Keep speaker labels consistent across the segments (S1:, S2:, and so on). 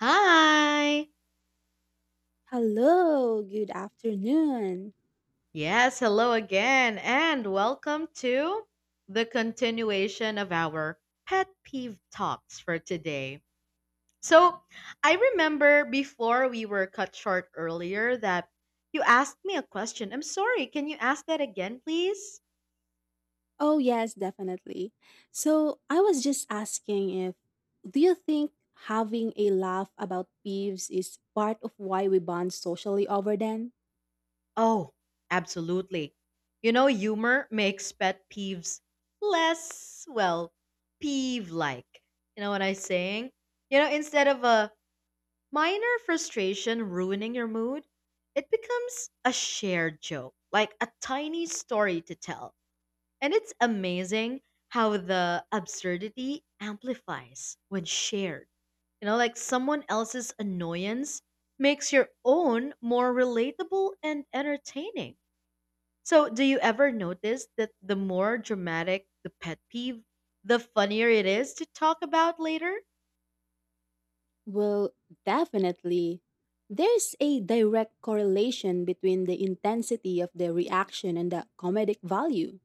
S1: Hi!
S2: Hello, good afternoon.
S1: Yes, hello again, and welcome to the continuation of our pet peeve talks for today. So, I remember before we were cut short earlier that you asked me a question. I'm sorry, can you ask that again, please?
S2: Oh, yes, definitely. So, I was just asking if do you think having a laugh about peeves is part of why we bond socially over them?
S1: Oh, absolutely. You know, humor makes pet peeves less, well, peeve like. You know what I'm saying? Instead of a minor frustration ruining your mood, it becomes a shared joke, like a tiny story to tell. And it's amazing how the absurdity amplifies when shared. Like someone else's annoyance makes your own more relatable and entertaining. So, do you ever notice that the more dramatic the pet peeve, the funnier it is to talk about later?
S2: Well, definitely. There's a direct correlation between the intensity of the reaction and the comedic value.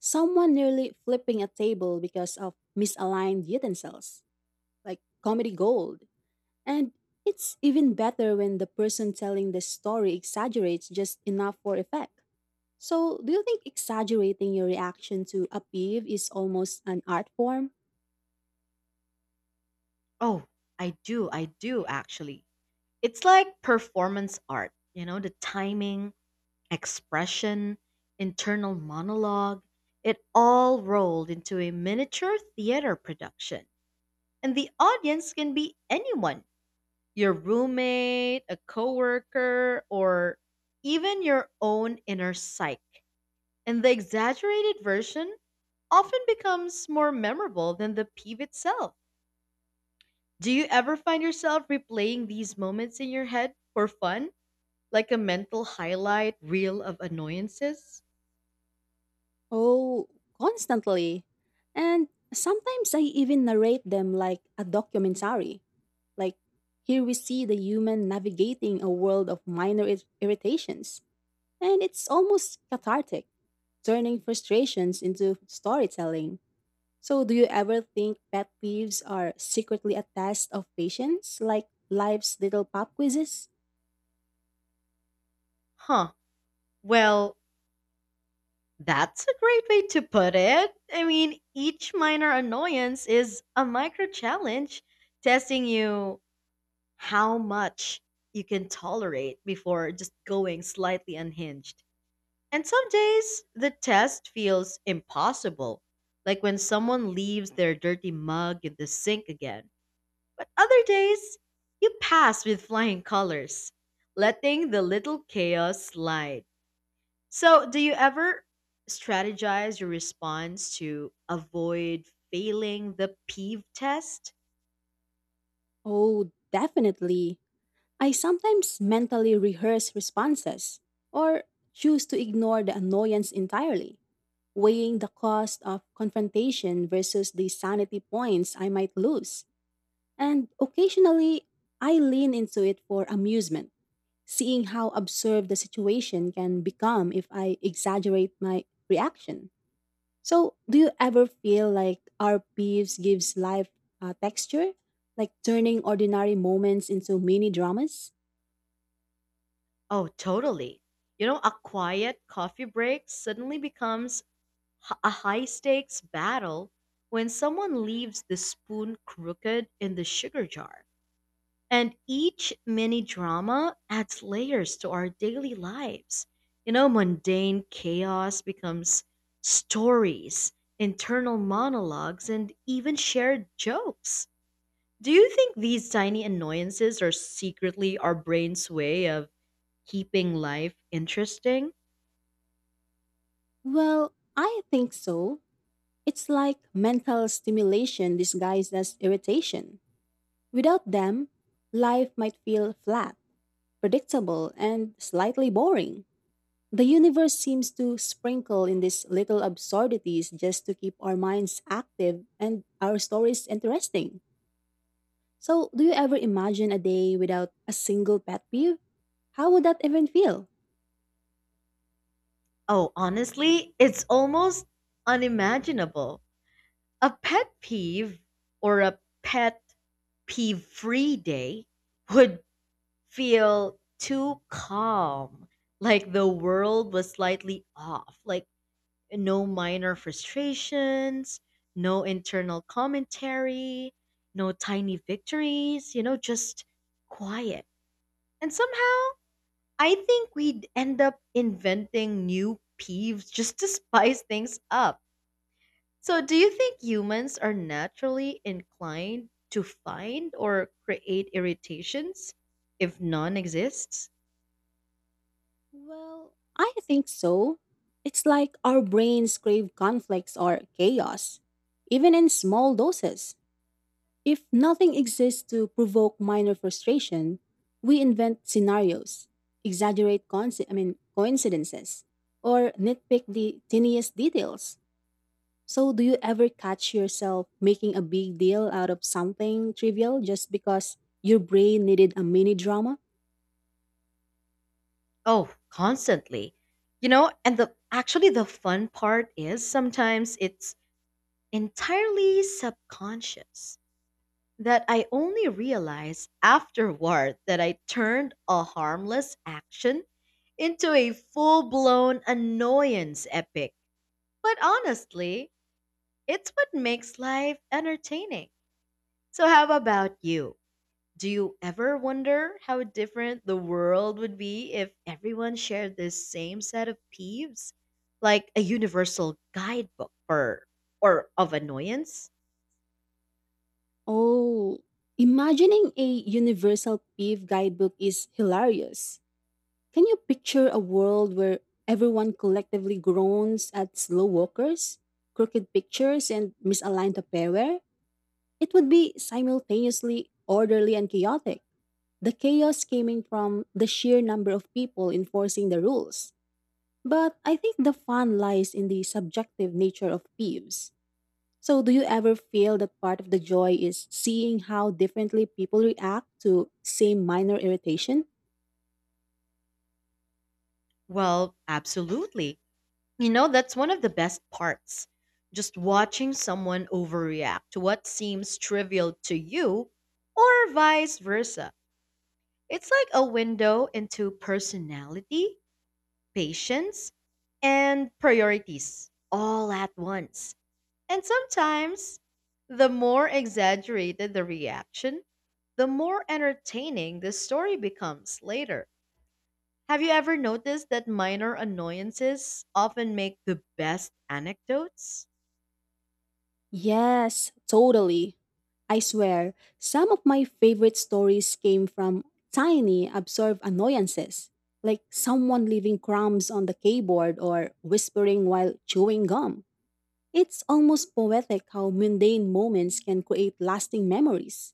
S2: Someone nearly flipping a table because of misaligned utensils, like comedy gold. And it's even better when the person telling the story exaggerates just enough for effect. So, do you think exaggerating your reaction to a peeve is almost an art form?
S1: Oh, I do actually. It's like performance art, you know, the timing, expression, internal monologue, it all rolled into a miniature theater production. And the audience can be anyone, your roommate, a coworker, or even your own inner psyche. And the exaggerated version often becomes more memorable than the peeve itself. Do you ever find yourself replaying these moments in your head for fun? Like a mental highlight reel of annoyances?
S2: Oh, constantly. And sometimes I even narrate them like a documentary. Like, here we see the human navigating a world of irritations. And it's almost cathartic, turning frustrations into storytelling. So, do you ever think pet peeves are secretly a test of patience, like life's little pop quizzes?
S1: Huh. Well, that's a great way to put it. I mean, each minor annoyance is a micro challenge testing you how much you can tolerate before just going slightly unhinged. And some days the test feels impossible, like when someone leaves their dirty mug in the sink again. But other days, you pass with flying colors, letting the little chaos slide. So, do you ever strategize your response to avoid failing the peeve test?
S2: Oh, definitely. I sometimes mentally rehearse responses or choose to ignore the annoyance entirely, weighing the cost of confrontation versus the sanity points I might lose. And occasionally, I lean into it for amusement, seeing how absurd the situation can become if I exaggerate my reaction. So, do you ever feel like our beefs gives life texture, like turning ordinary moments into mini dramas?
S1: Oh, totally. You know, a quiet coffee break suddenly becomes a high stakes battle when someone leaves the spoon crooked in the sugar jar. And each mini drama adds layers to our daily lives. You know, mundane chaos becomes stories, internal monologues, and even shared jokes. Do you think these tiny annoyances are secretly our brain's way of keeping life interesting?
S2: Well, I think so. It's like mental stimulation disguised as irritation. Without them, life might feel flat, predictable, and slightly boring. The universe seems to sprinkle in these little absurdities just to keep our minds active and our stories interesting. So, do you ever imagine a day without a single pet peeve? How would that even feel?
S1: Oh, honestly, it's almost unimaginable. A pet peeve a pet peeve free day would feel too calm, like the world was slightly off, like no minor frustrations, no internal commentary, no tiny victories, just quiet. And somehow, I think we'd end up inventing new peeves just to spice things up. So, do you think humans are naturally inclined to find or create irritations if none exists?
S2: Well, I think so. It's like our brains crave conflicts or chaos, even in small doses. If nothing exists to provoke minor frustration, we invent scenarios, exaggerate conci- I mean, coincidences, or nitpick the tiniest details. So, do you ever catch yourself making a big deal out of something trivial just because your brain needed a mini drama?
S1: Oh, constantly. You know, and the actually the fun part is sometimes it's entirely subconscious that I only realize afterward that I turned a harmless action into a full-blown annoyance epic. But honestly, it's what makes life entertaining. So how about you? Do you ever wonder how different the world would be if everyone shared this same set of peeves? Like a universal guidebook for or of annoyance?
S2: Oh, imagining a universal PIV guidebook is hilarious. Can you picture a world where everyone collectively groans at slow walkers, crooked pictures, and misaligned paper? It would be simultaneously orderly and chaotic. The chaos coming from the sheer number of people enforcing the rules. But I think the fun lies in the subjective nature of peeves. So, do you ever feel that part of the joy is seeing how differently people react to same minor irritation?
S1: Well, absolutely. You know, that's one of the best parts. Just watching someone overreact to what seems trivial to you or vice versa. It's like a window into personality, patience, and priorities all at once. And sometimes, the more exaggerated the reaction, the more entertaining the story becomes later. Have you ever noticed that minor annoyances often make the best anecdotes?
S2: Yes, totally. I swear, some of my favorite stories came from tiny, absurd annoyances, like someone leaving crumbs on the keyboard or whispering while chewing gum. It's almost poetic how mundane moments can create lasting memories.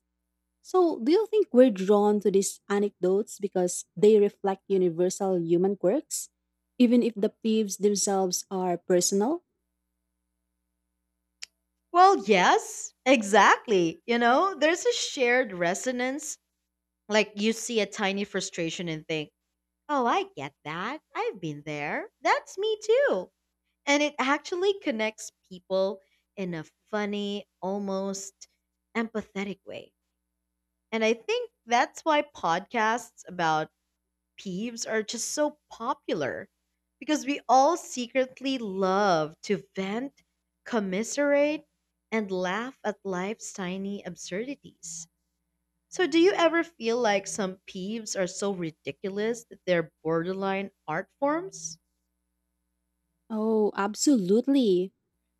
S2: So, do you think we're drawn to these anecdotes because they reflect universal human quirks, even if the peeves themselves are personal?
S1: Well, yes, exactly. You know, there's a shared resonance. Like you see a tiny frustration and think, oh, I get that. I've been there. That's me too. And it actually connects people in a funny, almost empathetic way. And I think that's why podcasts about peeves are just so popular because we all secretly love to vent, commiserate, and laugh at life's tiny absurdities. So, do you ever feel like some peeves are so ridiculous that they're borderline art forms?
S2: Oh, absolutely.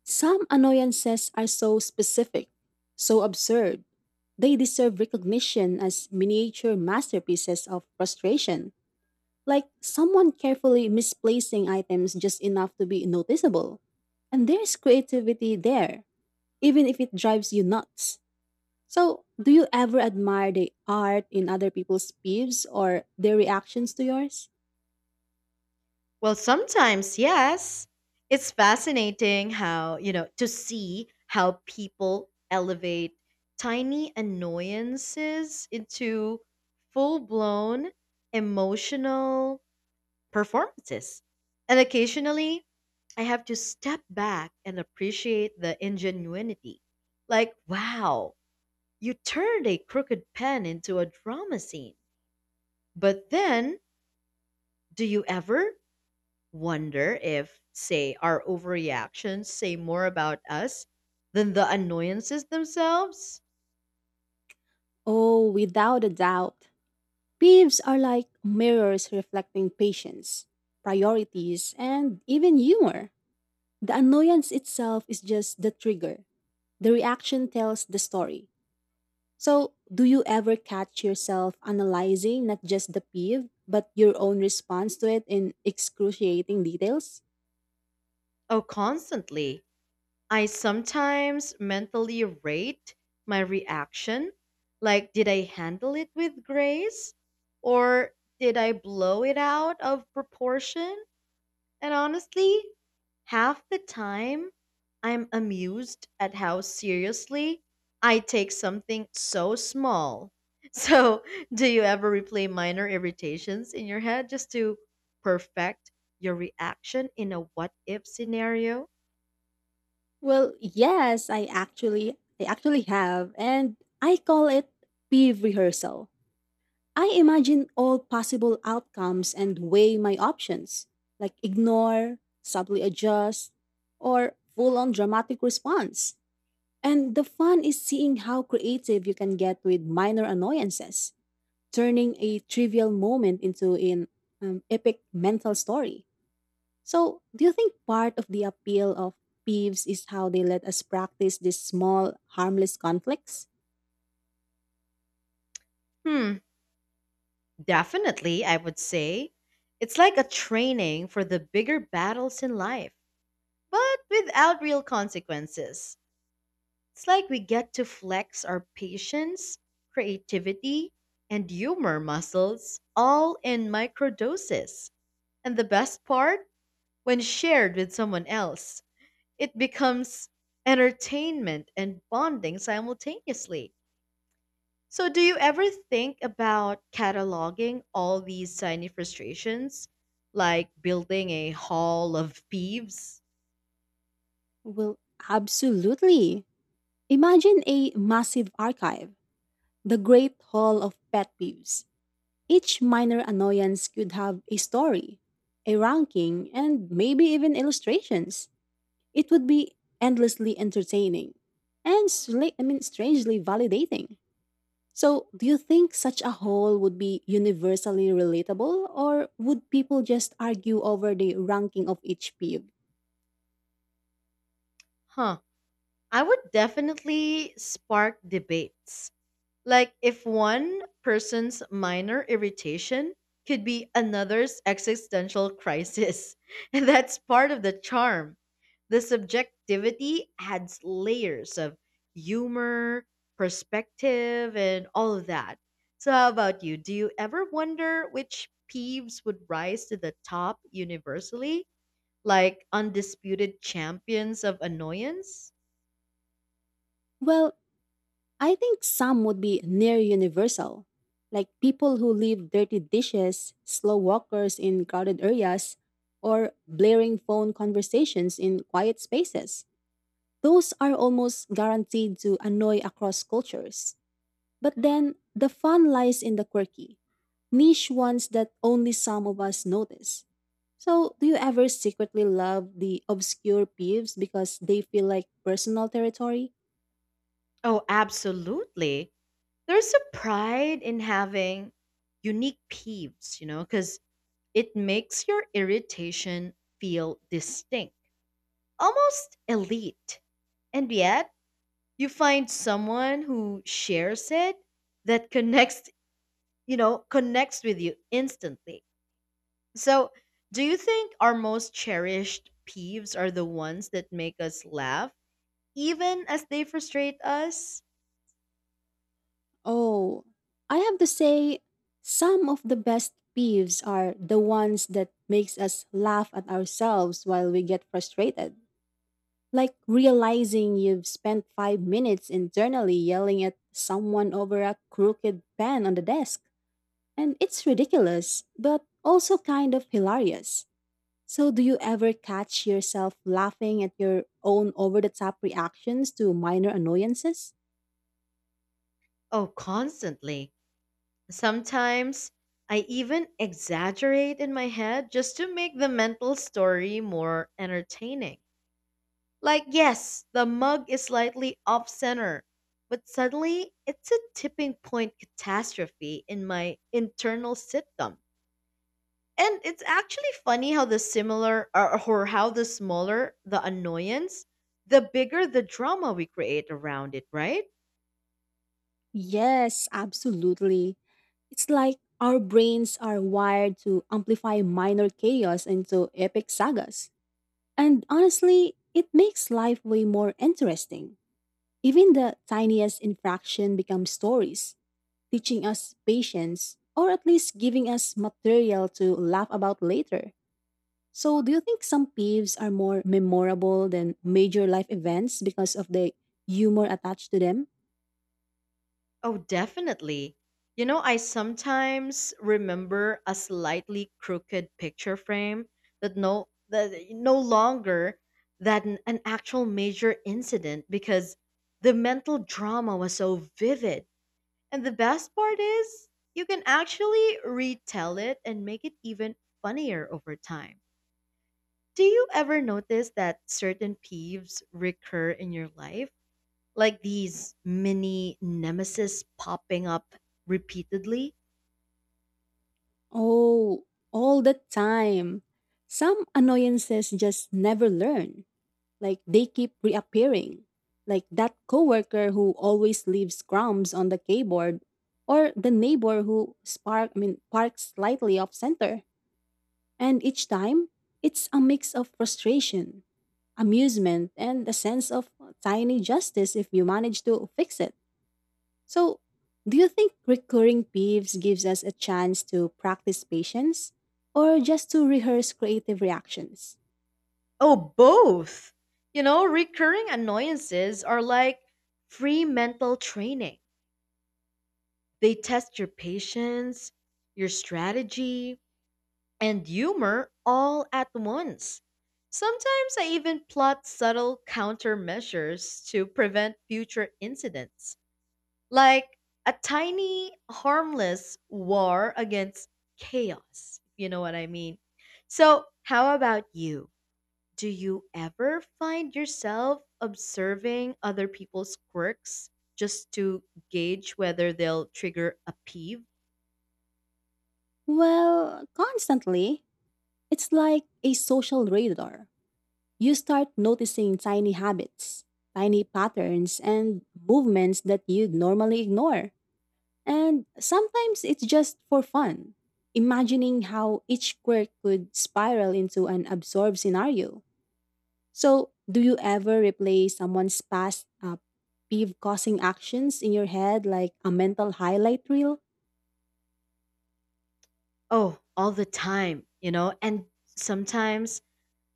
S2: Some annoyances are so specific, so absurd, they deserve recognition as miniature masterpieces of frustration, like someone carefully misplacing items just enough to be noticeable. And there's creativity there, even if it drives you nuts. So, do you ever admire the art in other people's peeves or their reactions to yours?
S1: Well, sometimes, yes. It's fascinating how, you know, to see how people elevate tiny annoyances into full blown emotional performances. And occasionally, I have to step back and appreciate the ingenuity. Like, wow, you turned a crooked pen into a drama scene. But then, do you ever wonder if, say, our overreactions say more about us than the annoyances themselves?
S2: Oh, without a doubt. Peeves are like mirrors reflecting patience, priorities, and even humor. The annoyance itself is just the trigger. The reaction tells the story. So, do you ever catch yourself analyzing not just the peeve, but your own response to it in excruciating details?
S1: Oh, constantly. I sometimes mentally rate my reaction. Like, did I handle it with grace? Or did I blow it out of proportion? And honestly, half the time, I'm amused at how seriously I take something so small. So, do you ever replay minor irritations in your head just to perfect your reaction in a what if scenario?
S2: Well, yes, I actually have and I call it peeve rehearsal. I imagine all possible outcomes and weigh my options, like ignore, subtly adjust, or full-on dramatic response. And the fun is seeing how creative you can get with minor annoyances, turning a trivial moment into an epic mental story. So, do you think part of the appeal of peeves is how they let us practice these small, harmless conflicts?
S1: Hmm, Definitely, I would say. It's like a training for the bigger battles in life, but without real consequences. It's like we get to flex our patience, creativity, and humor muscles all in microdoses. And the best part, when shared with someone else, it becomes entertainment and bonding simultaneously. So, do you ever think about cataloging all these tiny frustrations, like building a hall of peeves?
S2: Well, absolutely. Imagine a massive archive, the Great Hall of Pet Peeves. Each minor annoyance could have a story, a ranking, and maybe even illustrations. It would be endlessly entertaining and strangely validating. So, do you think such a haul would be universally relatable, or would people just argue over the ranking of each peeve?
S1: Huh. I would definitely spark debates. Like, if one person's minor irritation could be another's existential crisis. And that's part of the charm. The subjectivity adds layers of humor, perspective, and all of that. So, how about you? Do you ever wonder which peeves would rise to the top universally? Like undisputed champions of annoyance?
S2: Well, I think some would be near universal, like people who leave dirty dishes, slow walkers in crowded areas, or blaring phone conversations in quiet spaces. Those are almost guaranteed to annoy across cultures. But then, the fun lies in the quirky niche ones that only some of us notice. So, do you ever secretly love the obscure peeves because they feel like personal territory?
S1: Oh, absolutely. There's a pride in having unique peeves, you know, because it makes your irritation feel distinct, almost elite. And yet, you find someone who shares it that connects with you instantly. So, do you think our most cherished peeves are the ones that make us laugh, even as they frustrate us?
S2: Oh, I have to say, some of the best peeves are the ones that makes us laugh at ourselves while we get frustrated. Like realizing you've spent 5 minutes internally yelling at someone over a crooked pen on the desk. And it's ridiculous, but also kind of hilarious. So, do you ever catch yourself laughing at your own over the top reactions to minor annoyances?
S1: Oh, constantly. Sometimes I even exaggerate in my head just to make the mental story more entertaining. Like, yes, the mug is slightly off center, but suddenly it's a tipping point catastrophe in my internal sitcom. And it's actually funny how the similar or how the smaller the annoyance, the bigger the drama we create around it, right?
S2: Yes, absolutely. It's like our brains are wired to amplify minor chaos into epic sagas. And honestly, it makes life way more interesting. Even the tiniest infraction becomes stories, teaching us patience, or at least giving us material to laugh about later. So, do you think some peeves are more memorable than major life events because of the humor attached to them?
S1: Oh, definitely. You know, I sometimes remember a slightly crooked picture frame that no longer than an actual major incident because the mental drama was so vivid. And the best part is you can actually retell it and make it even funnier over time. Do you ever notice that certain peeves recur in your life? Like these mini nemesis popping up repeatedly?
S2: Oh, all the time. Some annoyances just never learn. Like they keep reappearing. Like that coworker who always leaves crumbs on the keyboard or the neighbor who spark I mean parks slightly off center. And each time, it's a mix of frustration, amusement, and a sense of tiny justice if you manage to fix it. So, do you think recurring peeves gives us a chance to practice patience or just to rehearse creative reactions?
S1: Oh, both. You know, recurring annoyances are like free mental training. They test your patience, your strategy, and humor all at once. Sometimes I even plot subtle countermeasures to prevent future incidents. Like a tiny, harmless war against chaos. You know what I mean? So, how about you? Do you ever find yourself observing other people's quirks just to gauge whether they'll trigger a peeve?
S2: Well, constantly, it's like a social radar. You start noticing tiny habits, tiny patterns, and movements that you'd normally ignore. And sometimes it's just for fun, imagining how each quirk could spiral into an absurd scenario. So, do you ever replay someone's past peeve causing actions in your head like a mental highlight reel?
S1: Oh, all the time, you know? And sometimes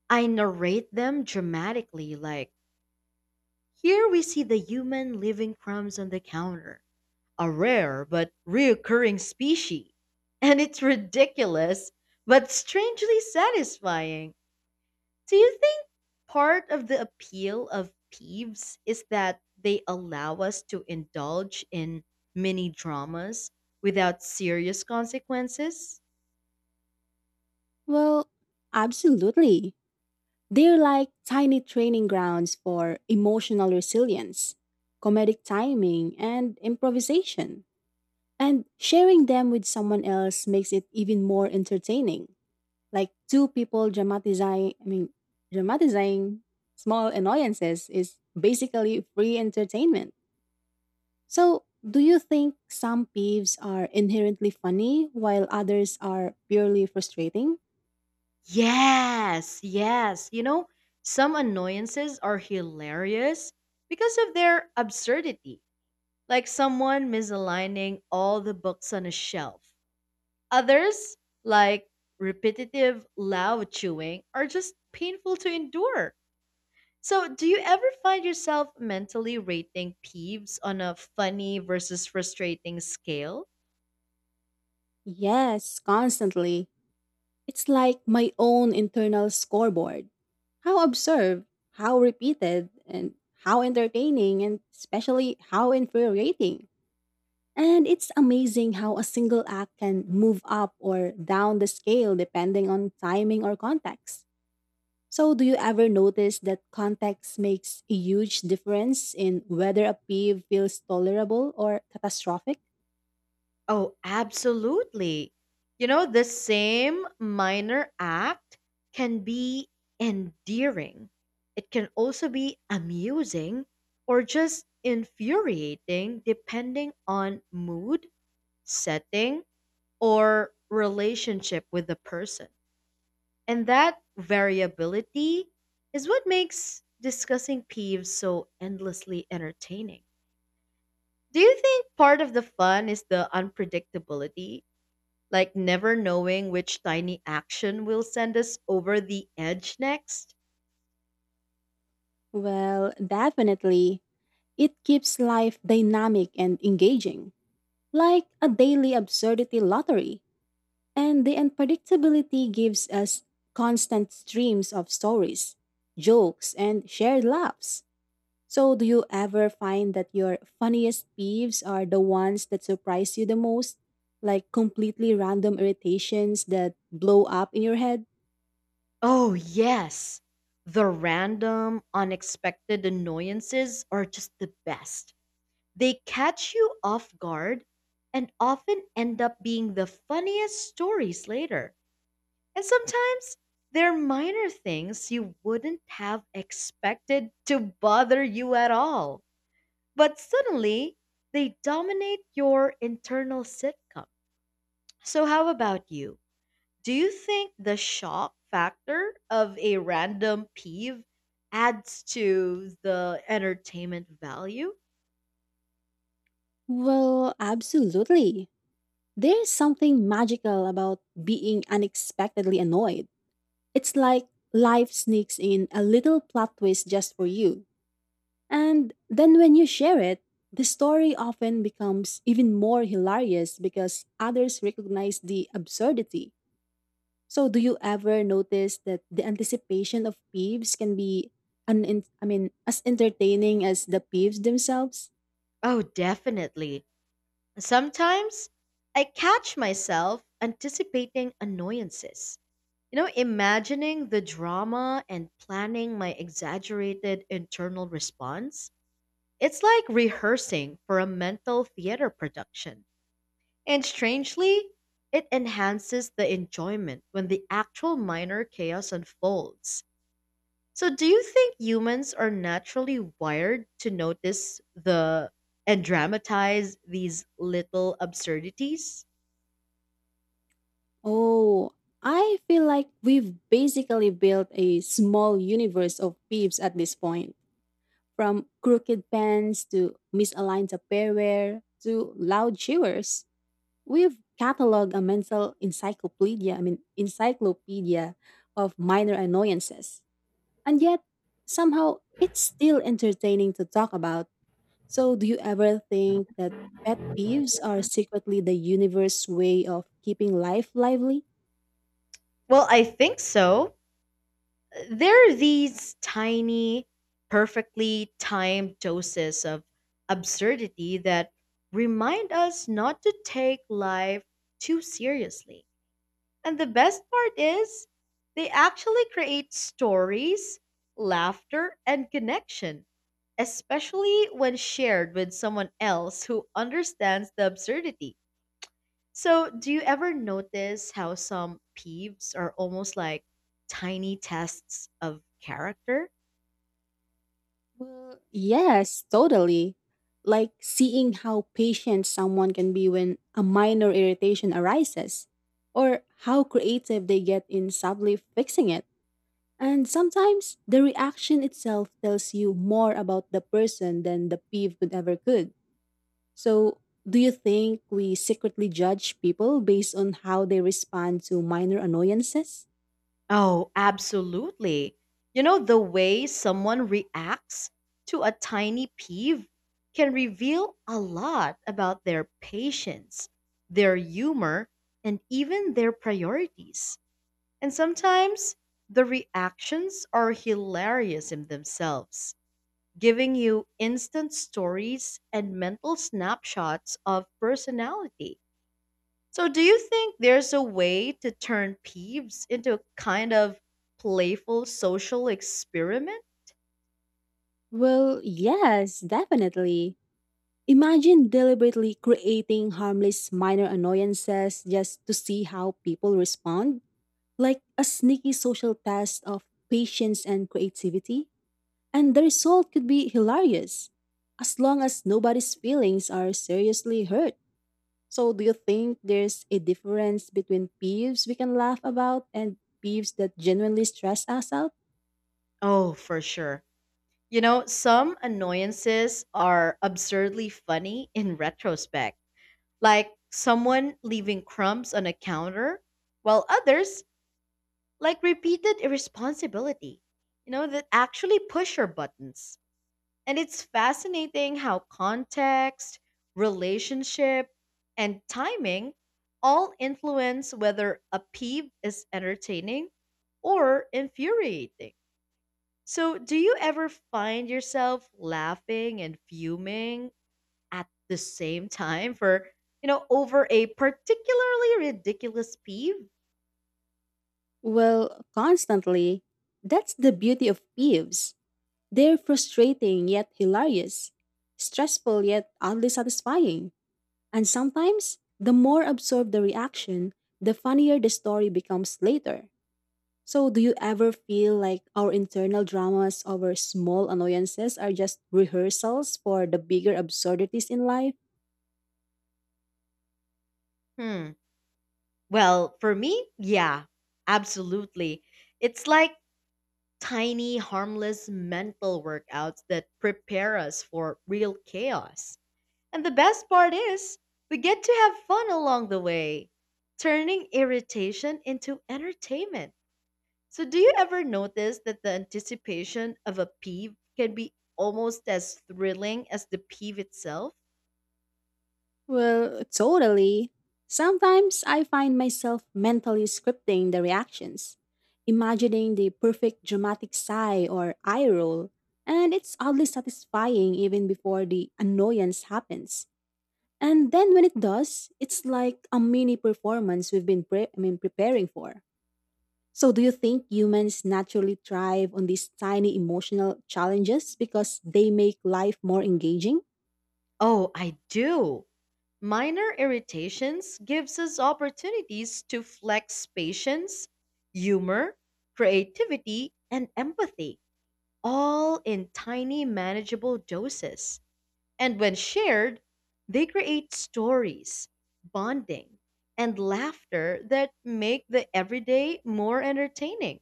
S1: I narrate them dramatically, like, here we see the human leaving crumbs on the counter, a rare but reoccurring species. And it's ridiculous, but strangely satisfying. Do you think part of the appeal of peeves is that they allow us to indulge in mini dramas without serious consequences?
S2: Well, absolutely. They're like tiny training grounds for emotional resilience, comedic timing, and improvisation. And sharing them with someone else makes it even more entertaining. Like two people dramatizing small annoyances is basically free entertainment. So, do you think some peeves are inherently funny while others are purely frustrating?
S1: Yes. You know, some annoyances are hilarious because of their absurdity, like someone misaligning all the books on a shelf. Others, like repetitive loud chewing, are just painful to endure. So, do you ever find yourself mentally rating peeves on a funny versus frustrating scale?
S2: Yes, constantly. It's like my own internal scoreboard. How observed, how repeated, and how entertaining, and especially how infuriating. And it's amazing how a single act can move up or down the scale depending on timing or context. So, do you ever notice that context makes a huge difference in whether a peeve feels tolerable or catastrophic?
S1: Oh, absolutely. You know, the same minor act can be endearing. It can also be amusing or just infuriating depending on mood, setting, or relationship with the person. And that variability is what makes discussing peeves so endlessly entertaining. Do you think part of the fun is the unpredictability? Like never knowing which tiny action will send us over the edge next?
S2: Well, definitely. It keeps life dynamic and engaging, like a daily absurdity lottery. And the unpredictability gives us constant streams of stories, jokes, and shared laughs. So, do you ever find that your funniest peeves are the ones that surprise you the most? Like completely random irritations that blow up in your head?
S1: Oh, yes. The random, unexpected annoyances are just the best. They catch you off guard and often end up being the funniest stories later. And sometimes they're minor things you wouldn't have expected to bother you at all. But suddenly, they dominate your internal sitcom. So, how about you? Do you think the shock factor of a random peeve adds to the entertainment value?
S2: Well, absolutely. There's something magical about being unexpectedly annoyed. It's like life sneaks in a little plot twist just for you. And then when you share it, the story often becomes even more hilarious because others recognize the absurdity. So, do you ever notice that the anticipation of peeves can be an I mean as entertaining as the peeves themselves?
S1: Oh, definitely. Sometimes I catch myself anticipating annoyances. You know, imagining the drama and planning my exaggerated internal response. It's like rehearsing for a mental theater production. And strangely, it enhances the enjoyment when the actual minor chaos unfolds. So, do you think humans are naturally wired to notice the and dramatize these little absurdities?
S2: Oh, I feel like we've basically built a small universe of peeves at this point. From crooked pens to misaligned apparel to loud shivers. We've cataloged a mental encyclopedia, I mean encyclopedia of minor annoyances. And yet, somehow, it's still entertaining to talk about. So, do you ever think that pet peeves are secretly the universe's way of keeping life lively?
S1: Well, I think so. There are these tiny, perfectly timed doses of absurdity that remind us not to take life too seriously. And the best part is, they actually create stories, laughter, and connection, especially when shared with someone else who understands the absurdity. So, do you ever notice how some peeves are almost like tiny tests of character?
S2: Well, yes, totally. Like seeing how patient someone can be when a minor irritation arises, or how creative they get in subtly fixing it. And sometimes the reaction itself tells you more about the person than the peeve could ever could. So, do you think we secretly judge people based on how they respond to minor annoyances?
S1: Oh, absolutely. You know, the way someone reacts to a tiny peeve can reveal a lot about their patience, their humor, and even their priorities. And sometimes the reactions are hilarious in themselves, giving you instant stories and mental snapshots of personality. So, do you think there's a way to turn peeves into a kind of playful social experiment?
S2: Well, yes, definitely. Imagine deliberately creating harmless minor annoyances just to see how people respond, like a sneaky social test of patience and creativity. And the result could be hilarious, as long as nobody's feelings are seriously hurt. So, do you think there's a difference between peeves we can laugh about and peeves that genuinely stress us out?
S1: Oh, for sure. You know, some annoyances are absurdly funny in retrospect, like someone leaving crumbs on a counter, while others, like repeated irresponsibility, you know, that actually push your buttons. And it's fascinating how context, relationship, and timing all influence whether a peeve is entertaining or infuriating. So, do you ever find yourself laughing and fuming at the same time for, over a particularly ridiculous peeve?
S2: Well, constantly. That's the beauty of peeves. They're frustrating yet hilarious, stressful yet oddly satisfying. And sometimes, the more absorbed the reaction, the funnier the story becomes later. So, do you ever feel like our internal dramas over small annoyances are just rehearsals for the bigger absurdities in life?
S1: Hmm. Well, for me, yeah, absolutely. It's like tiny, harmless mental workouts that prepare us for real chaos. And the best part is, we get to have fun along the way, turning irritation into entertainment. So, do you ever notice that the anticipation of a peeve can be almost as thrilling as the peeve itself?
S2: Well, totally. Sometimes I find myself mentally scripting the reactions, imagining the perfect dramatic sigh or eye roll, and it's oddly satisfying even before the annoyance happens. And then when it does, it's like a mini performance we've been preparing for. So do you think humans naturally thrive on these tiny emotional challenges because they make life more engaging?
S1: Oh, I do. Minor irritations gives us opportunities to flex patience, humor, creativity, and empathy, all in tiny manageable doses. And when shared, they create stories, bonding, and laughter that make the everyday more entertaining.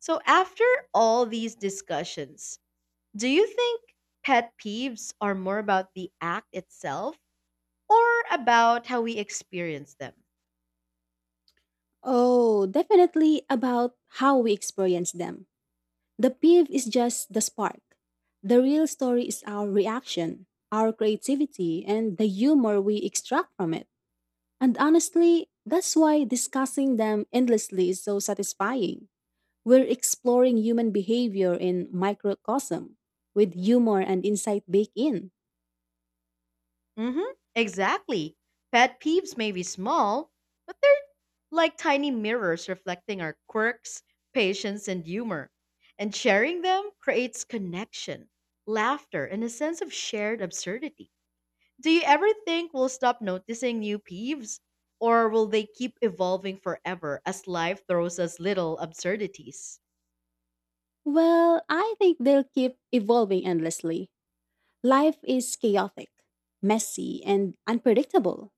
S1: So after all these discussions, do you think pet peeves are more about the act itself? Or about how we experience them.
S2: Oh, definitely about how we experience them. The peeve is just the spark. The real story is our reaction, our creativity, and the humor we extract from it. And honestly, that's why discussing them endlessly is so satisfying. We're exploring human behavior in microcosm, with humor and insight baked in.
S1: Exactly. Pet peeves may be small, but they're like tiny mirrors reflecting our quirks, patience, and humor. And sharing them creates connection, laughter, and a sense of shared absurdity. Do you ever think we'll stop noticing new peeves? Or will they keep evolving forever as life throws us little absurdities?
S2: Well, I think they'll keep evolving endlessly. Life is chaotic, messy, and unpredictable.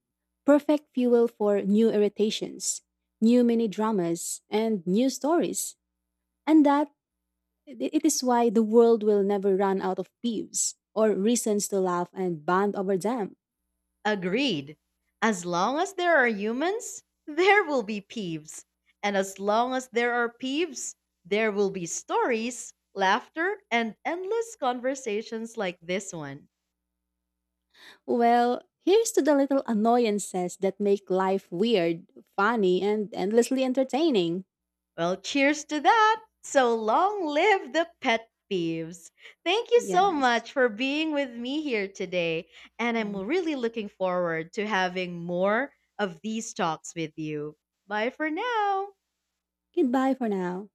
S2: Perfect fuel for new irritations, new mini dramas, and new stories. And that it is why the world will never run out of peeves or reasons to laugh and bond over them.
S1: Agreed. As long as there are humans, there will be peeves. And as long as there are peeves, there will be stories, laughter, and endless conversations like this one.
S2: Well, here's to the little annoyances that make life weird, funny, and endlessly entertaining.
S1: Well, cheers to that. So long live the pet peeves. Thank you so
S2: Yes.
S1: much for being with me here today. And I'm
S2: Mm.
S1: really looking forward to having more of these talks with you. Bye for now.
S2: Goodbye for now.